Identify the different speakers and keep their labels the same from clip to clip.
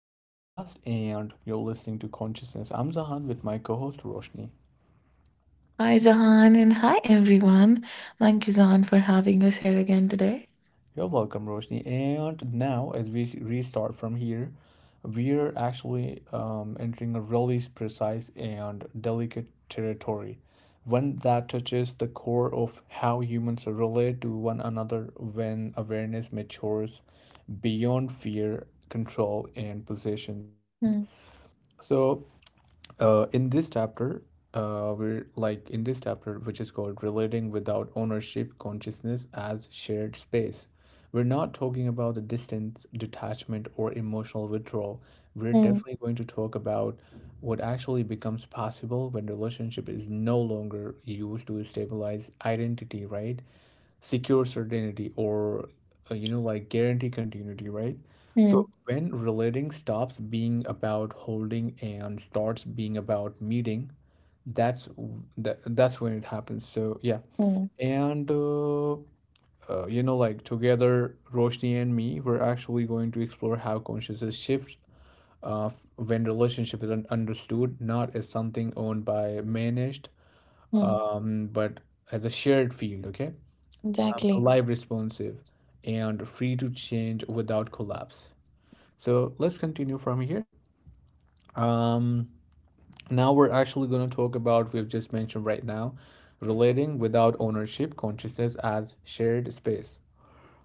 Speaker 1: to the podcast, and you're listening to Consciousness. I'm Zahan with my co host Roshni.
Speaker 2: Hi, Zahan, and hi, everyone. Thank you, Zahan, for having us here again today.
Speaker 1: You're welcome, Roshni. And now, as we restart from here, we're actually entering a really precise and delicate territory, one that touches the core of how humans relate to one another when awareness matures beyond fear, control, and possession, right?
Speaker 2: Hmm,
Speaker 1: So, in this chapter we're like in this chapter, which is called "Relating Without Ownership: Consciousness as Shared Space." We're not talking about the distance, detachment, or emotional withdrawal. We're
Speaker 2: hmm,
Speaker 1: definitely going to talk about what actually becomes possible when relationship is no longer used to stabilize identity, right, secure certainty, or like guarantee continuity, right?
Speaker 2: hmm,
Speaker 1: So when relating stops being about holding and starts being about meeting, that's when it happens, so yeah.
Speaker 2: hmm,
Speaker 1: And like, together, Roshni and me, we're actually going to explore how consciousness shifts uh, when relationship is understood not as something owned by managed,
Speaker 2: hmm.
Speaker 1: but as a shared field, okay,
Speaker 2: Exactly.
Speaker 1: live, responsive, and free to change without collapse. So let's continue from here. um Now we're actually going to talk about, we've just mentioned right now, relating without ownership, consciousness as shared space.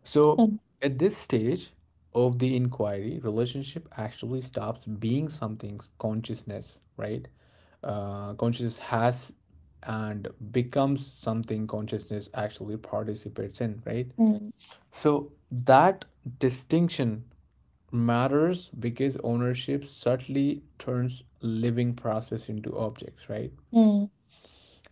Speaker 1: So,
Speaker 2: Hmm,
Speaker 1: at this stage of the inquiry, relationship actually stops being something's consciousness, right, consciousness has, and becomes something consciousness actually participates in, right?
Speaker 2: hmm,
Speaker 1: So that distinction matters because ownership subtly turns living process into objects, right?
Speaker 2: hmm,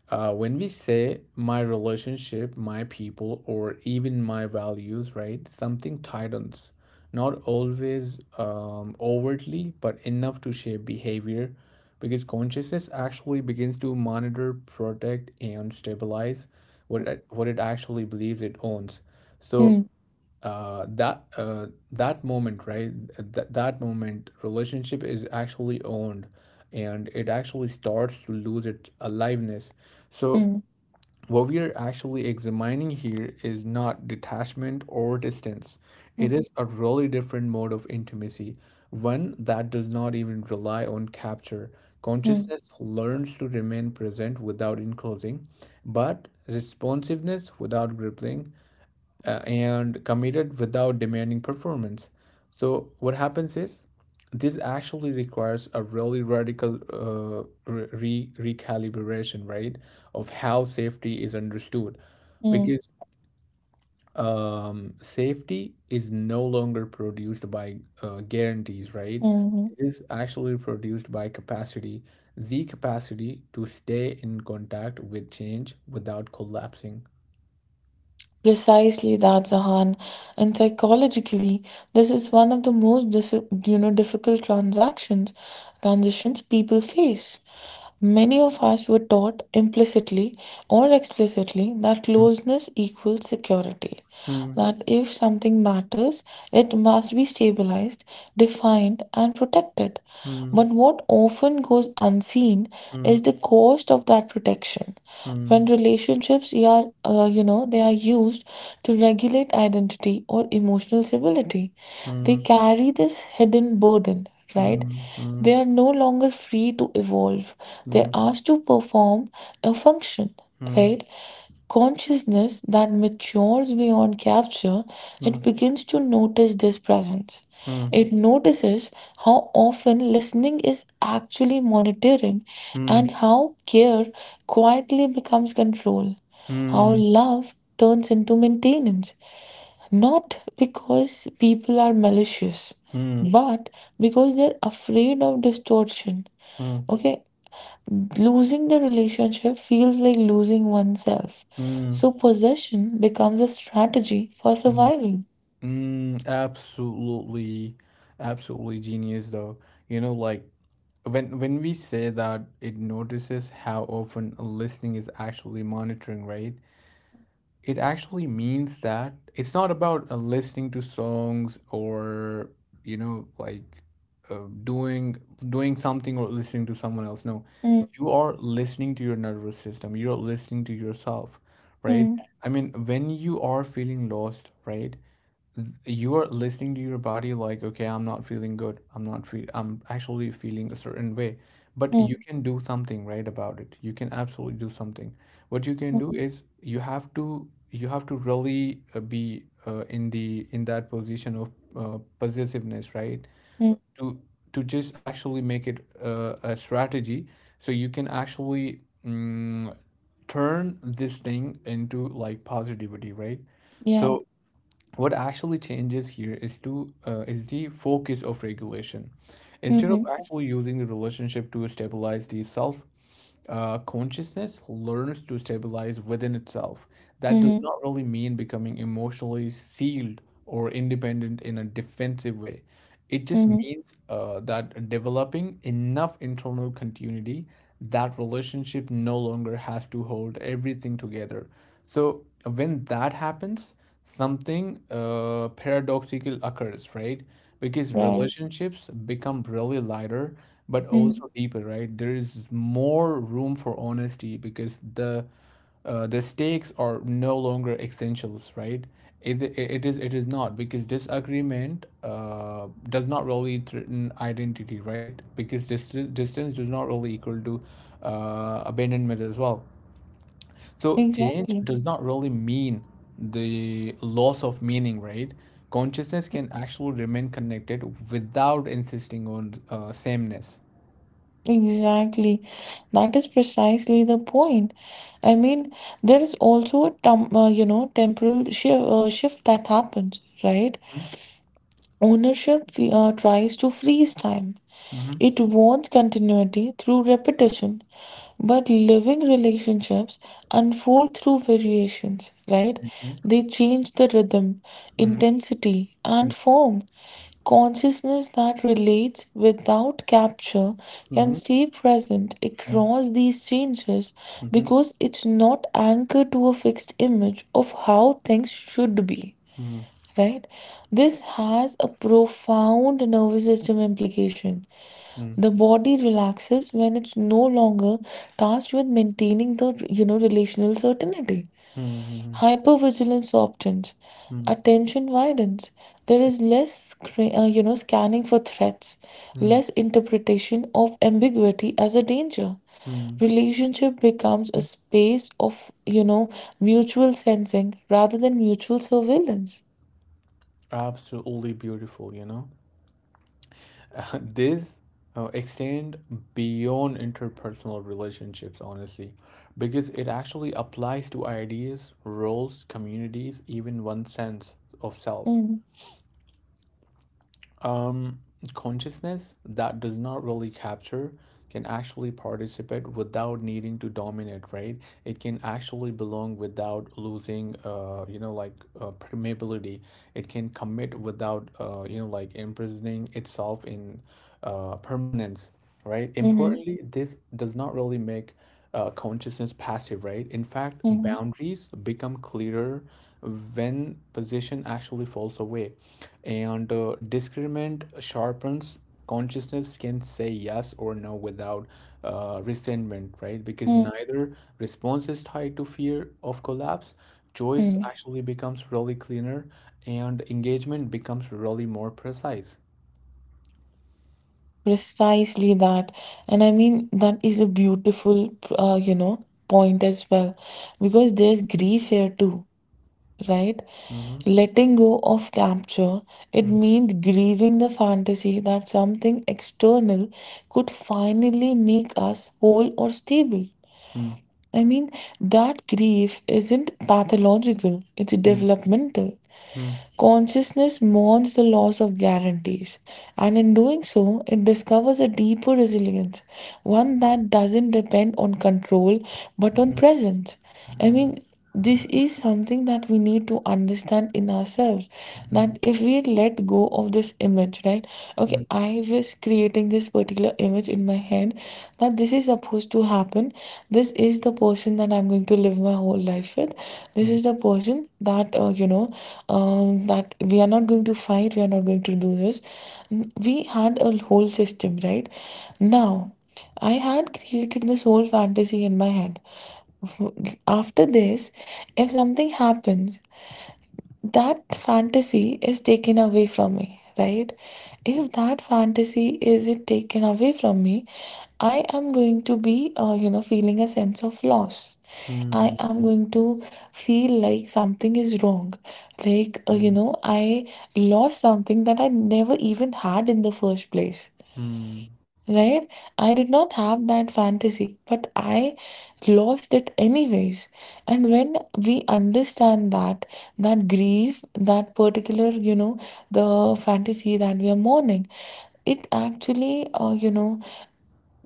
Speaker 1: When we say my relationship, my people, or even my values, right, something tightens, not always overtly, but enough to shape behavior, because consciousness actually begins to monitor, protect, and stabilize what it actually believes it owns. So
Speaker 2: hmm,
Speaker 1: that moment, right, that moment relationship is actually owned, and it actually starts to lose its aliveness. So
Speaker 2: hmm,
Speaker 1: what we are actually examining here is not detachment or distance. It is a really different mode of intimacy, one that does not even rely on capture.
Speaker 2: hmm,
Speaker 1: Consciousness learns to remain present without enclosing, but responsiveness without gripping, and committed without demanding performance. So what happens is this actually requires a really radical recalibration, right, of how safety is understood,
Speaker 2: hmm,
Speaker 1: because safety is no longer produced by guarantees, right?
Speaker 2: hmm, hmm.
Speaker 1: It is actually produced by capacity, the capacity to stay in contact with change without collapsing.
Speaker 2: Precisely that, Zahan. And psychologically, this is one of the most difficult transactions transitions people face. Many of us were taught implicitly or explicitly that
Speaker 1: Mm.
Speaker 2: closeness equals security,
Speaker 1: Hmm.
Speaker 2: that if something matters, it must be stabilized, defined, and protected.
Speaker 1: Hmm.
Speaker 2: But what often goes unseen
Speaker 1: Hmm.
Speaker 2: is the cost of that protection.
Speaker 1: Hmm.
Speaker 2: When relationships are, they are used to regulate identity or emotional stability, they
Speaker 1: Hmm,
Speaker 2: carry this hidden burden, right?
Speaker 1: hmm, hmm,
Speaker 2: They are no longer free to evolve.
Speaker 1: hmm,
Speaker 2: They're asked to perform a function,
Speaker 1: hmm,
Speaker 2: right? Consciousness that matures beyond capture,
Speaker 1: hmm,
Speaker 2: it begins to notice this presence.
Speaker 1: hmm,
Speaker 2: It notices how often listening is actually monitoring,
Speaker 1: hmm, hmm,
Speaker 2: and how care quietly becomes control, how love turns into maintenance, not because people are malicious,
Speaker 1: hmm,
Speaker 2: but because they're afraid of distortion.
Speaker 1: hmm,
Speaker 2: Okay? Losing the relationship feels like losing oneself.
Speaker 1: hmm,
Speaker 2: So possession becomes a strategy for
Speaker 1: hmm,
Speaker 2: survival.
Speaker 1: hmm. Absolutely, absolutely genius though. You know, like, when we say that it notices how often listening is actually monitoring, right? It actually means that it's not about listening to songs or like, uh, doing doing something or listening to someone else, no.
Speaker 2: Mm,
Speaker 1: You are listening to your nervous system, you're listening to yourself, right?
Speaker 2: mm,
Speaker 1: I mean, when you are feeling lost, right, you are listening to your body, like, okay, I'm not feeling good, I'm not feel I'm actually feeling a certain way, but you
Speaker 2: mm,
Speaker 1: can do something right about it, you can absolutely do something. What you can
Speaker 2: mm,
Speaker 1: do is, you have to really be in the in that position of possessiveness, right,
Speaker 2: mm.
Speaker 1: to to just actually make it a strategy, so you can actually mm, turn this thing into like positivity, right?
Speaker 2: Yeah.
Speaker 1: So what actually changes here is the focus of regulation. Instead of
Speaker 2: Mm-hmm.
Speaker 1: actually using the relationship to stabilize the self, consciousness learns to stabilize within itself. That does
Speaker 2: Mm-hmm.
Speaker 1: not really mean becoming emotionally sealed or independent in a defensive way, it just
Speaker 2: Mm-hmm.
Speaker 1: means that developing enough internal continuity that relationship no longer has to hold everything together. So when that happens, something paradoxical occurs, right? Because
Speaker 2: Right.
Speaker 1: relationships become really lighter, but
Speaker 2: Mm,
Speaker 1: also deeper, right? There is more room for honesty because the stakes are no longer essentials, right? Is it, it is not, because disagreement does not really threaten identity, right? Because distance does not really equal to abandonment as well. So change
Speaker 2: exactly.
Speaker 1: does not really mean the loss of meaning, right? Consciousness can actually remain connected without insisting on sameness.
Speaker 2: Exactly. That is precisely the point. I mean, there is also a tem temporal shift that happens, right?
Speaker 1: Mm-hmm.
Speaker 2: Ownership tries to freeze time.
Speaker 1: Mm-hmm.
Speaker 2: It wants continuity through repetition, but living relationships unfold through variations, right? They change the rhythm,
Speaker 1: Mm-hmm.
Speaker 2: intensity, and form. Consciousness that relates without capture can
Speaker 1: Mm-hmm.
Speaker 2: stay present across these changes
Speaker 1: Mm-hmm.
Speaker 2: because it's not anchored to a fixed image of how things should be.
Speaker 1: Mm-hmm.
Speaker 2: Right? This has a profound nervous system implication. The body relaxes when it's no longer tasked with maintaining the relational certainty. Hypervigilance softens,
Speaker 1: Mm-hmm.
Speaker 2: attention widens. There is less, scanning for threats, less interpretation of ambiguity as a danger.
Speaker 1: Mm-hmm.
Speaker 2: Relationship becomes a space of, mutual sensing rather than mutual surveillance.
Speaker 1: Absolutely beautiful. This extend beyond interpersonal relationships, honestly, because it actually applies to ideas, roles, communities, even one sense of self.
Speaker 2: Mm-hmm.
Speaker 1: Um, consciousness that does not really capture can actually participate without needing to dominate, right? It can actually belong without losing, like, permeability. It can commit without, like imprisoning itself in permanence, right? Importantly, this does not really make consciousness passive, right? In fact,
Speaker 2: Mm-hmm.
Speaker 1: boundaries become clearer when position actually falls away, and discernment sharpens. Consciousness can say yes or no without resentment, right? Because neither response is tied to fear of collapse. Choice
Speaker 2: hmm
Speaker 1: actually becomes really cleaner, and engagement becomes really more precise.
Speaker 2: Precisely that. And I mean, that is a beautiful, point as well, because there's grief here too, right?
Speaker 1: Mm-hmm.
Speaker 2: Letting go of capture, it means grieving the fantasy that something external could finally make us whole or stable. I mean, that grief isn't pathological, it's
Speaker 1: Mm-hmm.
Speaker 2: developmental. Consciousness mourns the loss of guarantees, and in doing so, it discovers a deeper resilience, one that doesn't depend on control but on
Speaker 1: Mm,
Speaker 2: presence. I mean, this is something that we need to understand in ourselves,
Speaker 1: mm,
Speaker 2: that if we let go of this image, right?
Speaker 1: mm,
Speaker 2: Okay, I was creating this particular image in my head, that this is supposed to happen. This is the person that I'm going to live my whole life with. This is the person that, that we are not going to fight, we are not going to do this. We had a whole system, right? Now, I had created this whole fantasy in my head. After this, if something happens, that fantasy is taken away from me, right? If that fantasy is it taken away from me, I am going to be feeling a sense of loss. I
Speaker 1: mm, mm,
Speaker 2: am
Speaker 1: mm,
Speaker 2: going to feel like something is wrong, like I lost something that I never even had in the first place.
Speaker 1: mm,
Speaker 2: Right? I did not have that fantasy, but I lost it anyways. And when we understand that, that grief, that particular, the fantasy that we are mourning, it actually,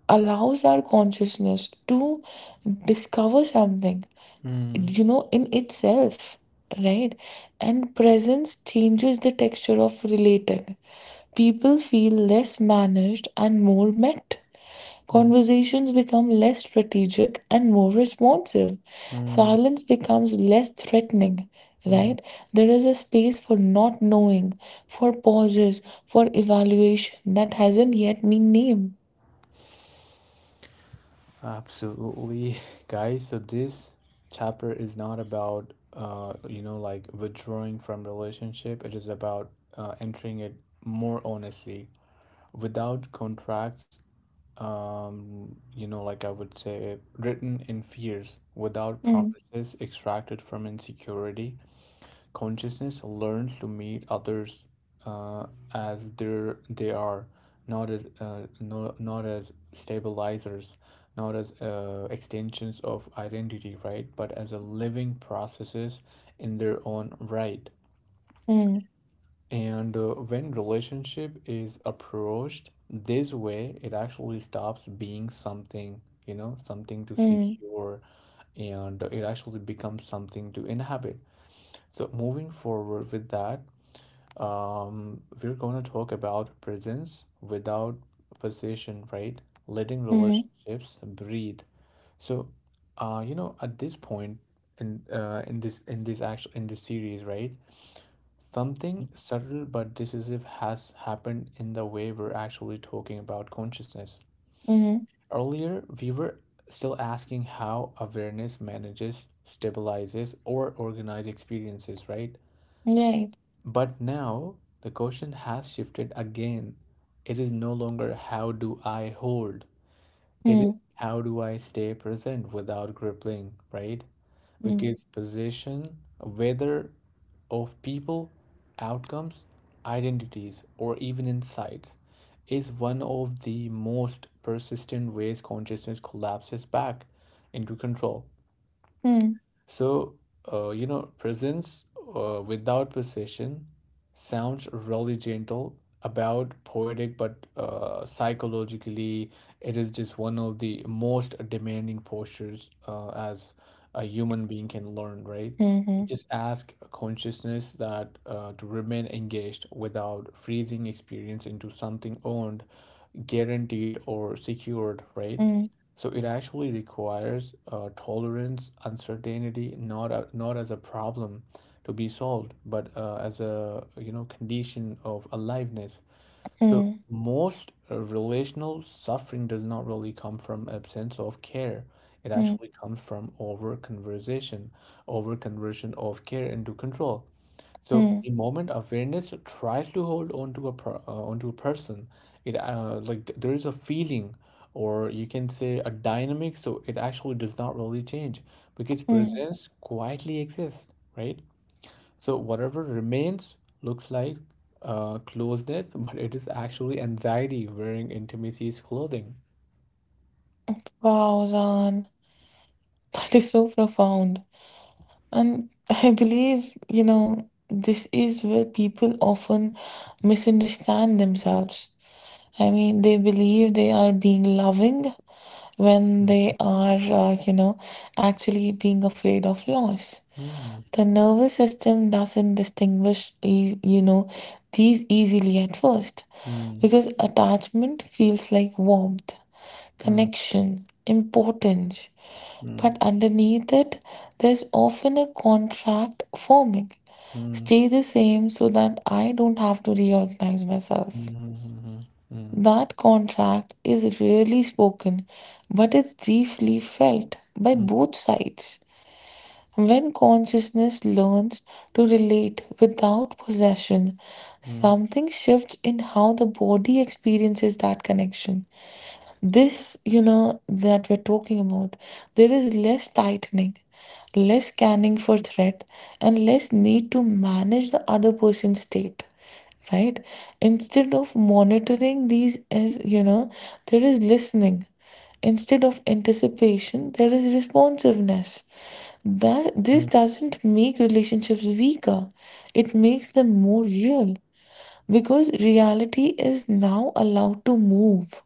Speaker 2: allows our consciousness to discover something,
Speaker 1: mm,
Speaker 2: in itself, right? And presence changes the texture of relating. People feel less managed and more met.
Speaker 1: mm,
Speaker 2: Conversations become less strategic and more responsive.
Speaker 1: mm,
Speaker 2: Silence becomes less threatening,
Speaker 1: mm.
Speaker 2: right? There is a space for not knowing, for pauses, for evaluation that hasn't yet been named.
Speaker 1: Absolutely, guys. So this chapter is not about like withdrawing from relationship. It is about entering it more honestly, without contracts. Like, I would say, written in fears, without
Speaker 2: Ừm,
Speaker 1: promises extracted from insecurity. Consciousness learns to meet others uh, as they are, not as no, not as stabilizers, not as extensions of identity, right? But as a living processes in their own right.
Speaker 2: ừm,
Speaker 1: And when relationship is approached this way, it actually stops being something, something to
Speaker 2: ừm,
Speaker 1: secure, and it actually becomes something to inhabit. So moving forward with that, we're going to talk about presence without possession, right? Letting
Speaker 2: ừm,
Speaker 1: relationships breathe. So, at this point in this actual in this series, right? Something subtle but decisive has happened in the way we're actually talking about consciousness.
Speaker 2: ừm,
Speaker 1: Earlier, we were still asking how awareness manages, stabilizes, or organizes experiences, right?
Speaker 2: right.
Speaker 1: But now the question has shifted again. It is no longer, how do I hold? It
Speaker 2: Ừm,
Speaker 1: is, how do I stay present without crippling, right?
Speaker 2: ừm,
Speaker 1: Because possession, whether of people, outcomes, identities, or even insights, is one of the most persistent ways consciousness collapses back into control.
Speaker 2: ừm,
Speaker 1: So, presence without possession sounds really gentle, about poetic, but psychologically, it is just one of the most demanding postures as a human being can learn, right?
Speaker 2: mhm,
Speaker 1: It
Speaker 2: hm,
Speaker 1: just asks consciousness that to remain engaged without freezing experience into something owned, guaranteed, or secured, right? So it actually requires tolerance, uncertainty, not as a problem to be solved, but as a condition of aliveness. So
Speaker 2: hm,
Speaker 1: most relational suffering does not really come from absence of care. It
Speaker 2: hm,
Speaker 1: actually comes from over conversation, over conversion of care into control. So
Speaker 2: hm,
Speaker 1: the moment awareness tries to hold onto onto a person, there is a feeling, or you can say a dynamic. So it actually does not really change because
Speaker 2: hm.
Speaker 1: presence quietly exists, right? So whatever remains looks like closeness, but it is actually anxiety wearing intimacy's clothing.
Speaker 2: Wow, Zan. That is so profound. And I believe, this is where people often misunderstand themselves. I mean, they believe they are being loving when
Speaker 1: Mm.
Speaker 2: they are, uh, you know, actually being afraid of loss.
Speaker 1: Mm,
Speaker 2: The nervous system doesn't distinguish, these easily at first,
Speaker 1: mm,
Speaker 2: because attachment feels like warmth,
Speaker 1: mm,
Speaker 2: connection, importance.
Speaker 1: mm,
Speaker 2: But underneath it, there's often a contract forming.
Speaker 1: mm, mm,
Speaker 2: Stay the same so that I don't have to reorganize myself.
Speaker 1: mm,
Speaker 2: That contract is rarely spoken, but it's deeply felt by
Speaker 1: mm, mm, mm, mm,
Speaker 2: both sides. When consciousness learns to relate without possession,
Speaker 1: mm,
Speaker 2: something shifts in how the body experiences that connection, this that we're talking about. There is less tightening, less scanning for threat, and less need to manage the other person's state, right? Instead of monitoring these as there is listening. Instead of anticipation there is responsiveness, that this
Speaker 1: mm,
Speaker 2: doesn't make relationships weaker, it makes them more real, because reality is now allowed to move.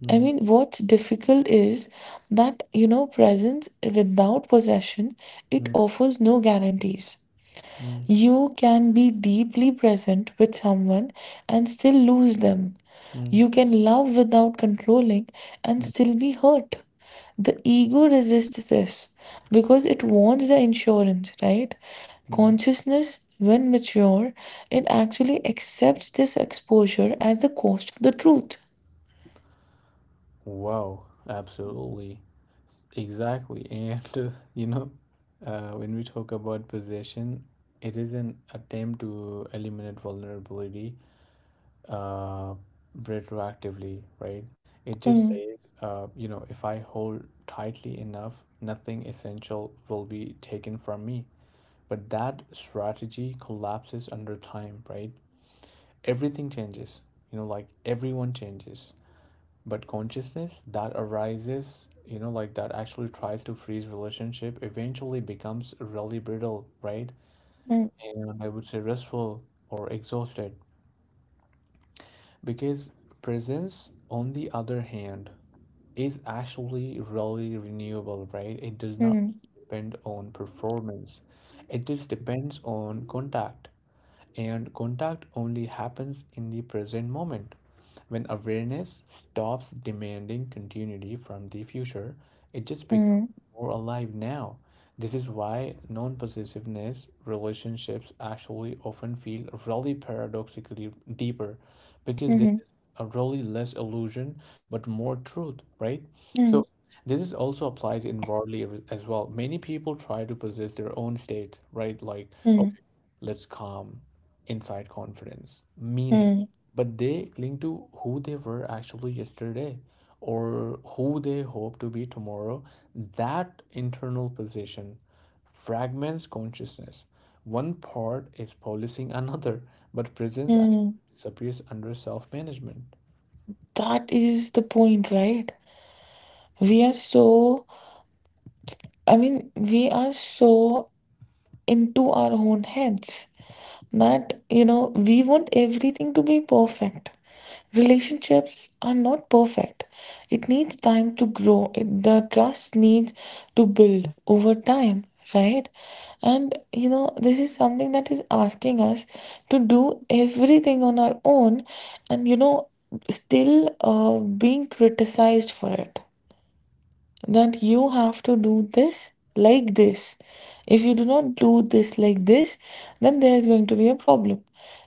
Speaker 1: mm,
Speaker 2: I
Speaker 1: mm,
Speaker 2: mean, what's difficult is that, presence without possession, it
Speaker 1: mm,
Speaker 2: offers no guarantees.
Speaker 1: mm,
Speaker 2: You can be deeply present with someone and still lose them.
Speaker 1: Mm,
Speaker 2: You can love without controlling and
Speaker 1: mm,
Speaker 2: still be hurt. The ego resists this because it wants the insurance, right?
Speaker 1: mm.
Speaker 2: Consciousness, when mature, it actually accepts this exposure as the cost of the truth.
Speaker 1: Wow, absolutely. Exactly. And, when we talk about possession, it is an attempt to eliminate vulnerability uh, retroactively, right? It just
Speaker 2: Hmm,
Speaker 1: says, if I hold tightly enough, nothing essential will be taken from me. But that strategy collapses under time, right? Everything changes, you know, like everyone changes, but consciousness that arises, like that actually tries to freeze relationship, eventually becomes really brittle, right,
Speaker 2: hmm,
Speaker 1: and I would say restful or exhausted, because presence, on the other hand, is actually really renewable, right? It does not
Speaker 2: hmm.
Speaker 1: depend on performance, it just depends on contact, and contact only happens in the present moment. When awareness stops demanding continuity from the future, it just becomes
Speaker 2: Mm,
Speaker 1: more alive now. This is why non possessiveness relationships actually often feel really paradoxically deeper, because this
Speaker 2: mhm,
Speaker 1: is a really less illusion but more truth, right?
Speaker 2: mm,
Speaker 1: So, this is also applies inwardly as well. Many people try to possess their own state, right? Like,
Speaker 2: mm,
Speaker 1: okay, let's calm, inside confidence, meaning.
Speaker 2: mm,
Speaker 1: But they cling to who they were actually yesterday or who they hope to be tomorrow. That internal position fragments consciousness. One part is policing another, but presence
Speaker 2: mm.
Speaker 1: actually disappears under self management.
Speaker 2: That is the point, right? We are so, I mean, we are so into our own heads, that we want everything to be perfect. Relationships are not perfect, it needs time to grow it, the trust needs to build over time, right? And this is something that is asking us to do everything on our own, and still being criticized for it, that you have to do this like this. If you do not do this like this, then there is going to be a problem.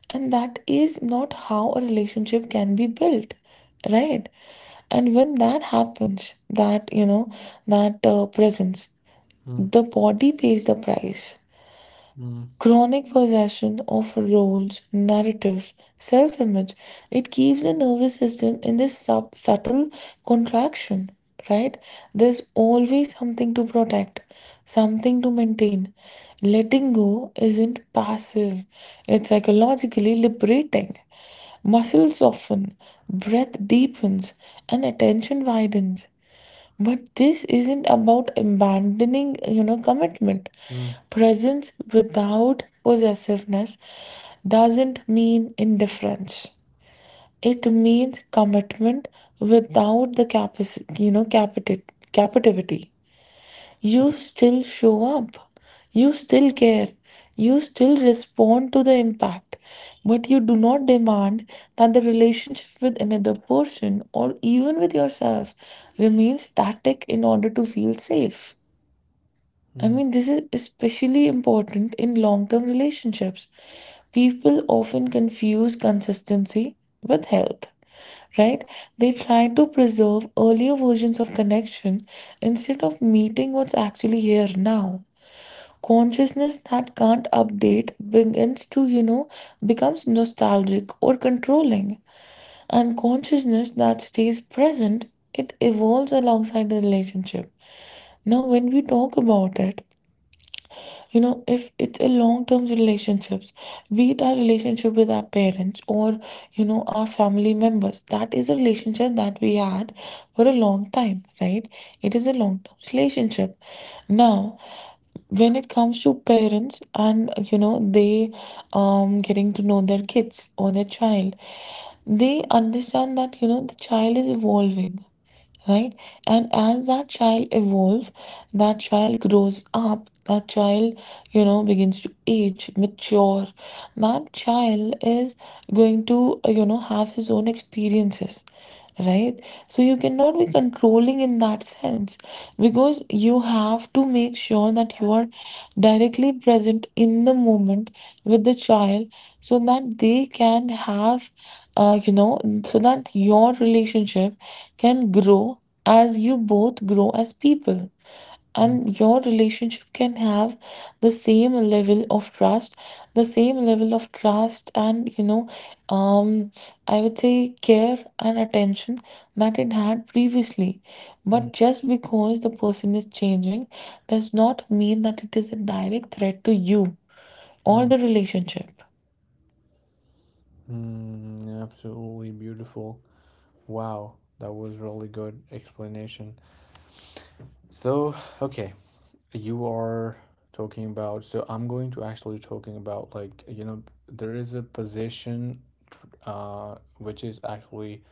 Speaker 2: And that is not how a relationship can be built, right? And when that happens, that, that presence,
Speaker 1: Mm,
Speaker 2: the body pays the price.
Speaker 1: mm,
Speaker 2: Chronic possession of roles, narratives, self image, it keeps the nervous system in this subtle contraction, right? There's always something to protect, something to maintain. Letting go isn't passive, it's psychologically liberating. Muscles soften, breath deepens, and attention widens. But this isn't about abandoning, commitment.
Speaker 1: mm,
Speaker 2: Presence without possessiveness doesn't mean indifference. It means commitment without the captivity. You still show up, you still care, you still respond to the impact, but you do not demand that the relationship with another person or even with yourself remain static in order to feel safe. I
Speaker 1: mm,
Speaker 2: mean, this is especially important in long term relationships. People often confuse consistency with health, right? They try to preserve earlier versions of connection instead of meeting what's actually here now. Consciousness that can't update begins to, becomes nostalgic or controlling. And consciousness that stays present, it evolves alongside the relationship. Now, when we talk about it, if it's a long term relationships, be it our relationship with our parents or our family members, that is a relationship that we had for a long time, right? It is a long term relationship now. When it comes to parents and they getting to know their kids or their child, they understand that the child is evolving, right? And as that child evolves, that child grows up, that child, begins to age, mature. That child is going to, have his own experiences, right? So you cannot be controlling in that sense, because you have to make sure that you are directly present in the moment with the child, so that they can have uh, you know so that your relationship can grow as you both grow as people,
Speaker 1: mm, mm,
Speaker 2: and your relationship can have the same level of trust, the same level of trust and um I would say care and attention that it had previously.
Speaker 1: mm,
Speaker 2: But just because the person is changing does not mean that it is a direct threat to you or
Speaker 1: mm,
Speaker 2: the relationship.
Speaker 1: mm. Absolutely beautiful. Wow, that was really good explanation. So, okay, you are talking about, so I'm going to actually talking about, like, there is a position tr- uh which is actually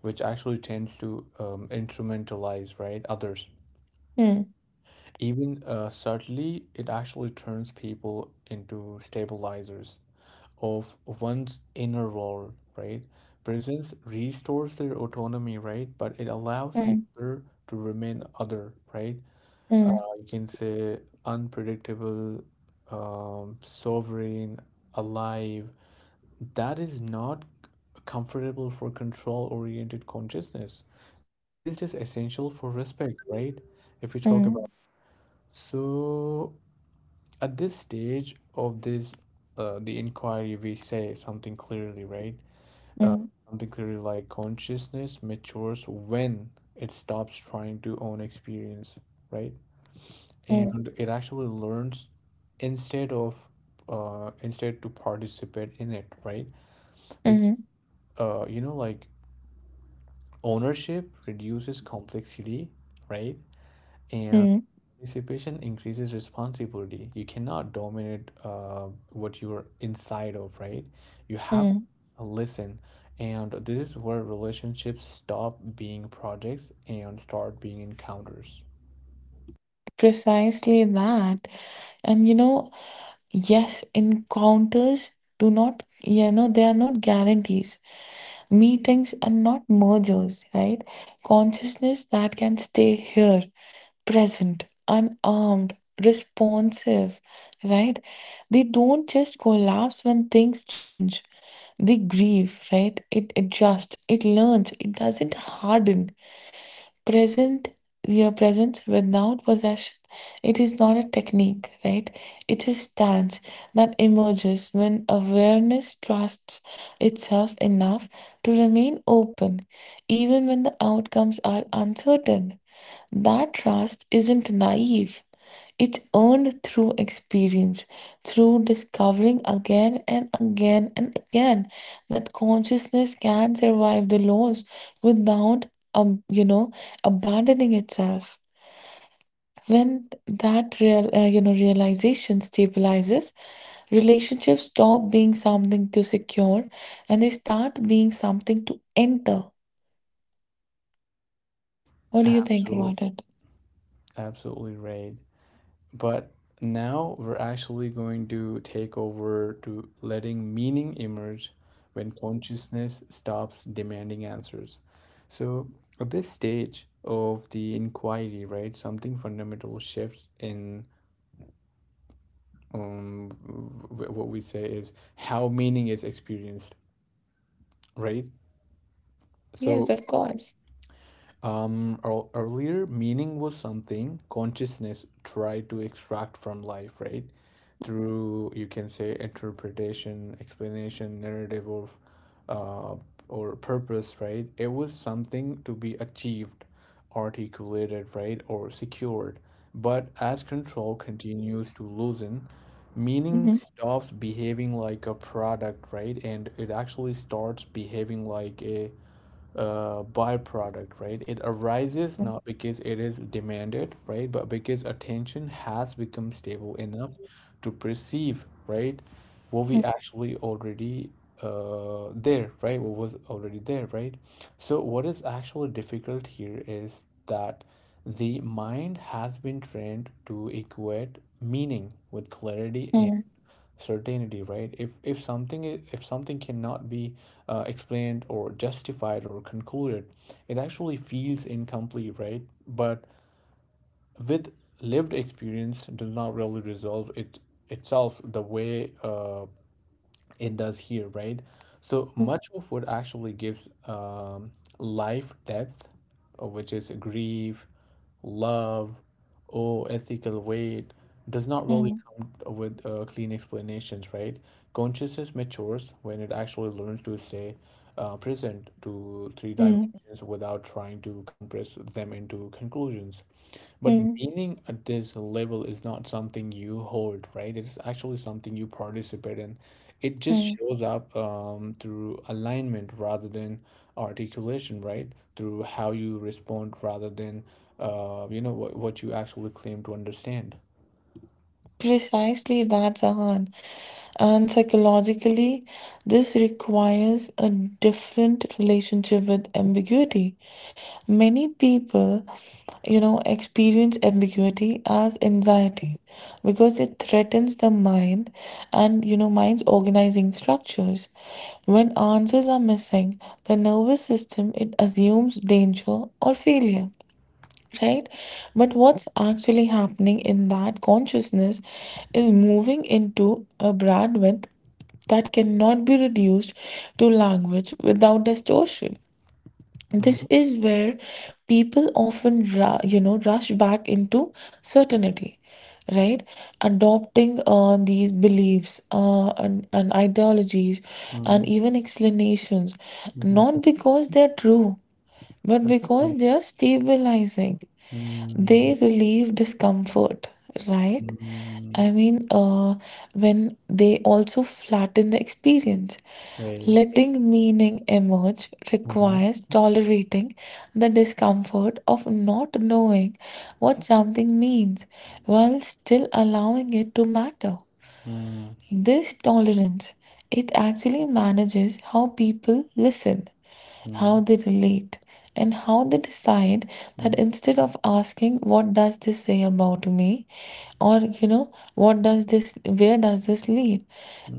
Speaker 1: which actually tends to instrumentalize, right, others.
Speaker 2: Hmm,
Speaker 1: Even subtly, it actually turns people into stabilizers of one's inner world, right? Presence restores their autonomy, right? But it allows the
Speaker 2: hmm,
Speaker 1: other to remain other, right?
Speaker 2: hmm,
Speaker 1: We can say unpredictable, sovereign, alive. That is not comfortable for control-oriented consciousness, but it is just essential for respect, right? If we talk about.
Speaker 2: hmm,
Speaker 1: So at this stage of this, the inquiry, we say something clearly, right?
Speaker 2: hmm,
Speaker 1: Something clearly, like consciousness matures when it stops trying to own experience, right?
Speaker 2: hmm,
Speaker 1: And it actually learns instead of instead to participate in it, right? Because
Speaker 2: hmm,
Speaker 1: like ownership reduces complexity, right, and
Speaker 2: hmm,
Speaker 1: participation increases responsibility. You cannot dominate what you're inside of, right, you have
Speaker 2: hmm.
Speaker 1: to listen, and this is where relationships stop being projects and start being encounters.
Speaker 2: Precisely that. And yes, encounters do not, they are not guarantees. Meetings are not mergers, right? Consciousness that can stay here, present, unarmed, responsive, right? They don't just collapse when things change. They grieve, right? It adjusts, it learns, it doesn't harden. Present Your presence without possession, it is not a technique, right? It is stance that emerges when awareness trusts itself enough to remain open even when the outcomes are uncertain. That trust isn't naive, it's earned through experience, through discovering again and again that consciousness can survive the loss without, um, you know, abandoning itself. When that realization stabilizes, relationships stop being something to secure and they start being something to enter. What do you think
Speaker 1: absolutely
Speaker 2: about it?
Speaker 1: absolutely right. But now we're actually going to take over to letting meaning emerge when consciousness stops demanding answers. So, at this stage of the inquiry, right, something fundamental shifts in um, what we say is how meaning is experienced, right?
Speaker 2: Yes,
Speaker 1: So,
Speaker 2: of course.
Speaker 1: Earlier, meaning was something consciousness tried to extract from life, right?
Speaker 2: Mhm.
Speaker 1: Through, you can say, interpretation, explanation, narrative, uh, or purpose, right? It was something to be achieved, articulated, right, or secured. But as control continues to loosen, meaning stops behaving like a product, right? And it actually starts behaving like a byproduct, right? It arises
Speaker 2: Mm,
Speaker 1: not because it is demanded, right? But because attention has become stable enough to perceive, right? What we actually already there, right? What was already there, right? So, what is actually difficult here is that the mind has been trained to equate meaning with clarity and certainty, right? If something, cannot be explained or justified or concluded, it actually feels incomplete, right? But with lived experience does not really resolve it itself the way it does here, right? So much of what actually gives life depth, which is grief, love, or ethical weight, does not
Speaker 2: mm,
Speaker 1: really
Speaker 2: mm,
Speaker 1: come with clean explanations, right? Consciousness matures when it actually learns to stay present to three dimensions without trying to compress them into conclusions. But
Speaker 2: mm,
Speaker 1: meaning at this level is not something you hold, right? It is actually something you participate in. It just
Speaker 2: mm.
Speaker 1: shows up through alignment rather than articulation, right? Through how you respond rather than, what you actually claim to understand.
Speaker 2: Precisely that, Zahan. And psychologically, this requires a different relationship with ambiguity. Many people, experience ambiguity as anxiety, because it threatens the mind and, mind's organizing structures. When answers are missing, the nervous system it assumes danger or failure, right? But what's actually happening in that consciousness is moving into a bandwidth that cannot be reduced to language without distortion. This
Speaker 1: Mm-hmm.
Speaker 2: is where people often, rush back into certainty, right? Adopting these beliefs and ideologies and even explanations,
Speaker 1: Mm-hmm.
Speaker 2: not because they're true, but because
Speaker 1: Absolutely.
Speaker 2: they are stabilizing,
Speaker 1: Mm-hmm.
Speaker 2: they relieve discomfort, right? I mean, when they also flatten the experience.
Speaker 1: Right.
Speaker 2: Letting meaning emerge
Speaker 1: Mm-hmm.
Speaker 2: requires tolerating the discomfort of not knowing what something means while still allowing it to matter. This tolerance, it actually manages how people listen, how they relate, and how they decide, that
Speaker 1: Mm-hmm.
Speaker 2: instead of asking, "What does this say about me?" or, Where does this lead?"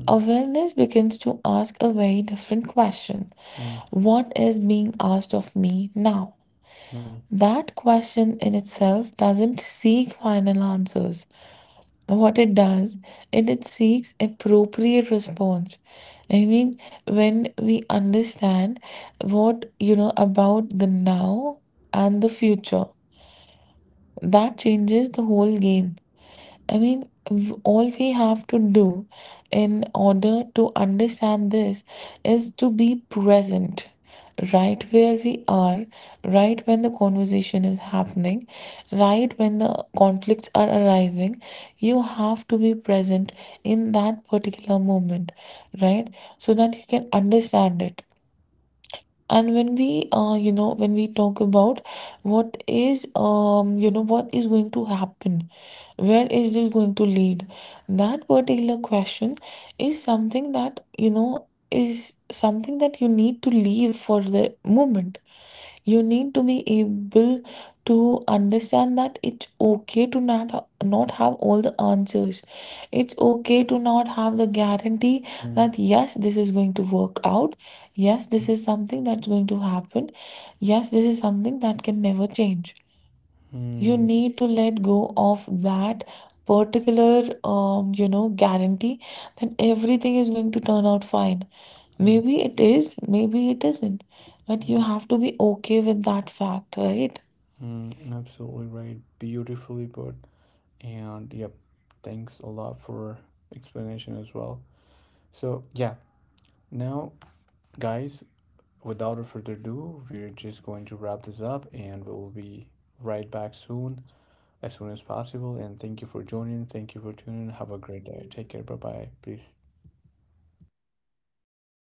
Speaker 2: Awareness begins to ask a very different question:
Speaker 1: Mm,
Speaker 2: "What is being asked of me now?"
Speaker 1: mm,
Speaker 2: That question in itself doesn't seek final answers, what it does is it seeks appropriate response. I mean, when we understand what about the now and the future, that changes the whole game. I mean, all we have to do in order to understand this is to be present right where we are, right when the conversation is happening, right when the conflicts are arising. You have to be present in that particular moment, right? So that you can understand it. And when we when we talk about what is what is going to happen, where is this going to lead, that particular question is something that is something that you need to leave for the moment. You need to be able to understand that it's okay to not have all the answers, it's okay to not have the guarantee
Speaker 1: mm,
Speaker 2: that yes this is going to work out, yes
Speaker 1: mm,
Speaker 2: this is something that's going to happen, yes this is something that can never change. You
Speaker 1: mm,
Speaker 2: need to let go of that particular guarantee that everything is going to turn out fine.
Speaker 1: mm,
Speaker 2: Maybe it is, maybe it isn't, but you
Speaker 1: mm,
Speaker 2: have to be okay with that fact, right?
Speaker 1: mm. Absolutely right. Beautifully put. And yep, thanks a lot for explanation as well. So yeah, now guys, without a further ado, we're just going to wrap this up and we'll be right back soon as possible. And thank you for joining. Thank you for tuning. Have a great day. Take care. Bye bye. Please.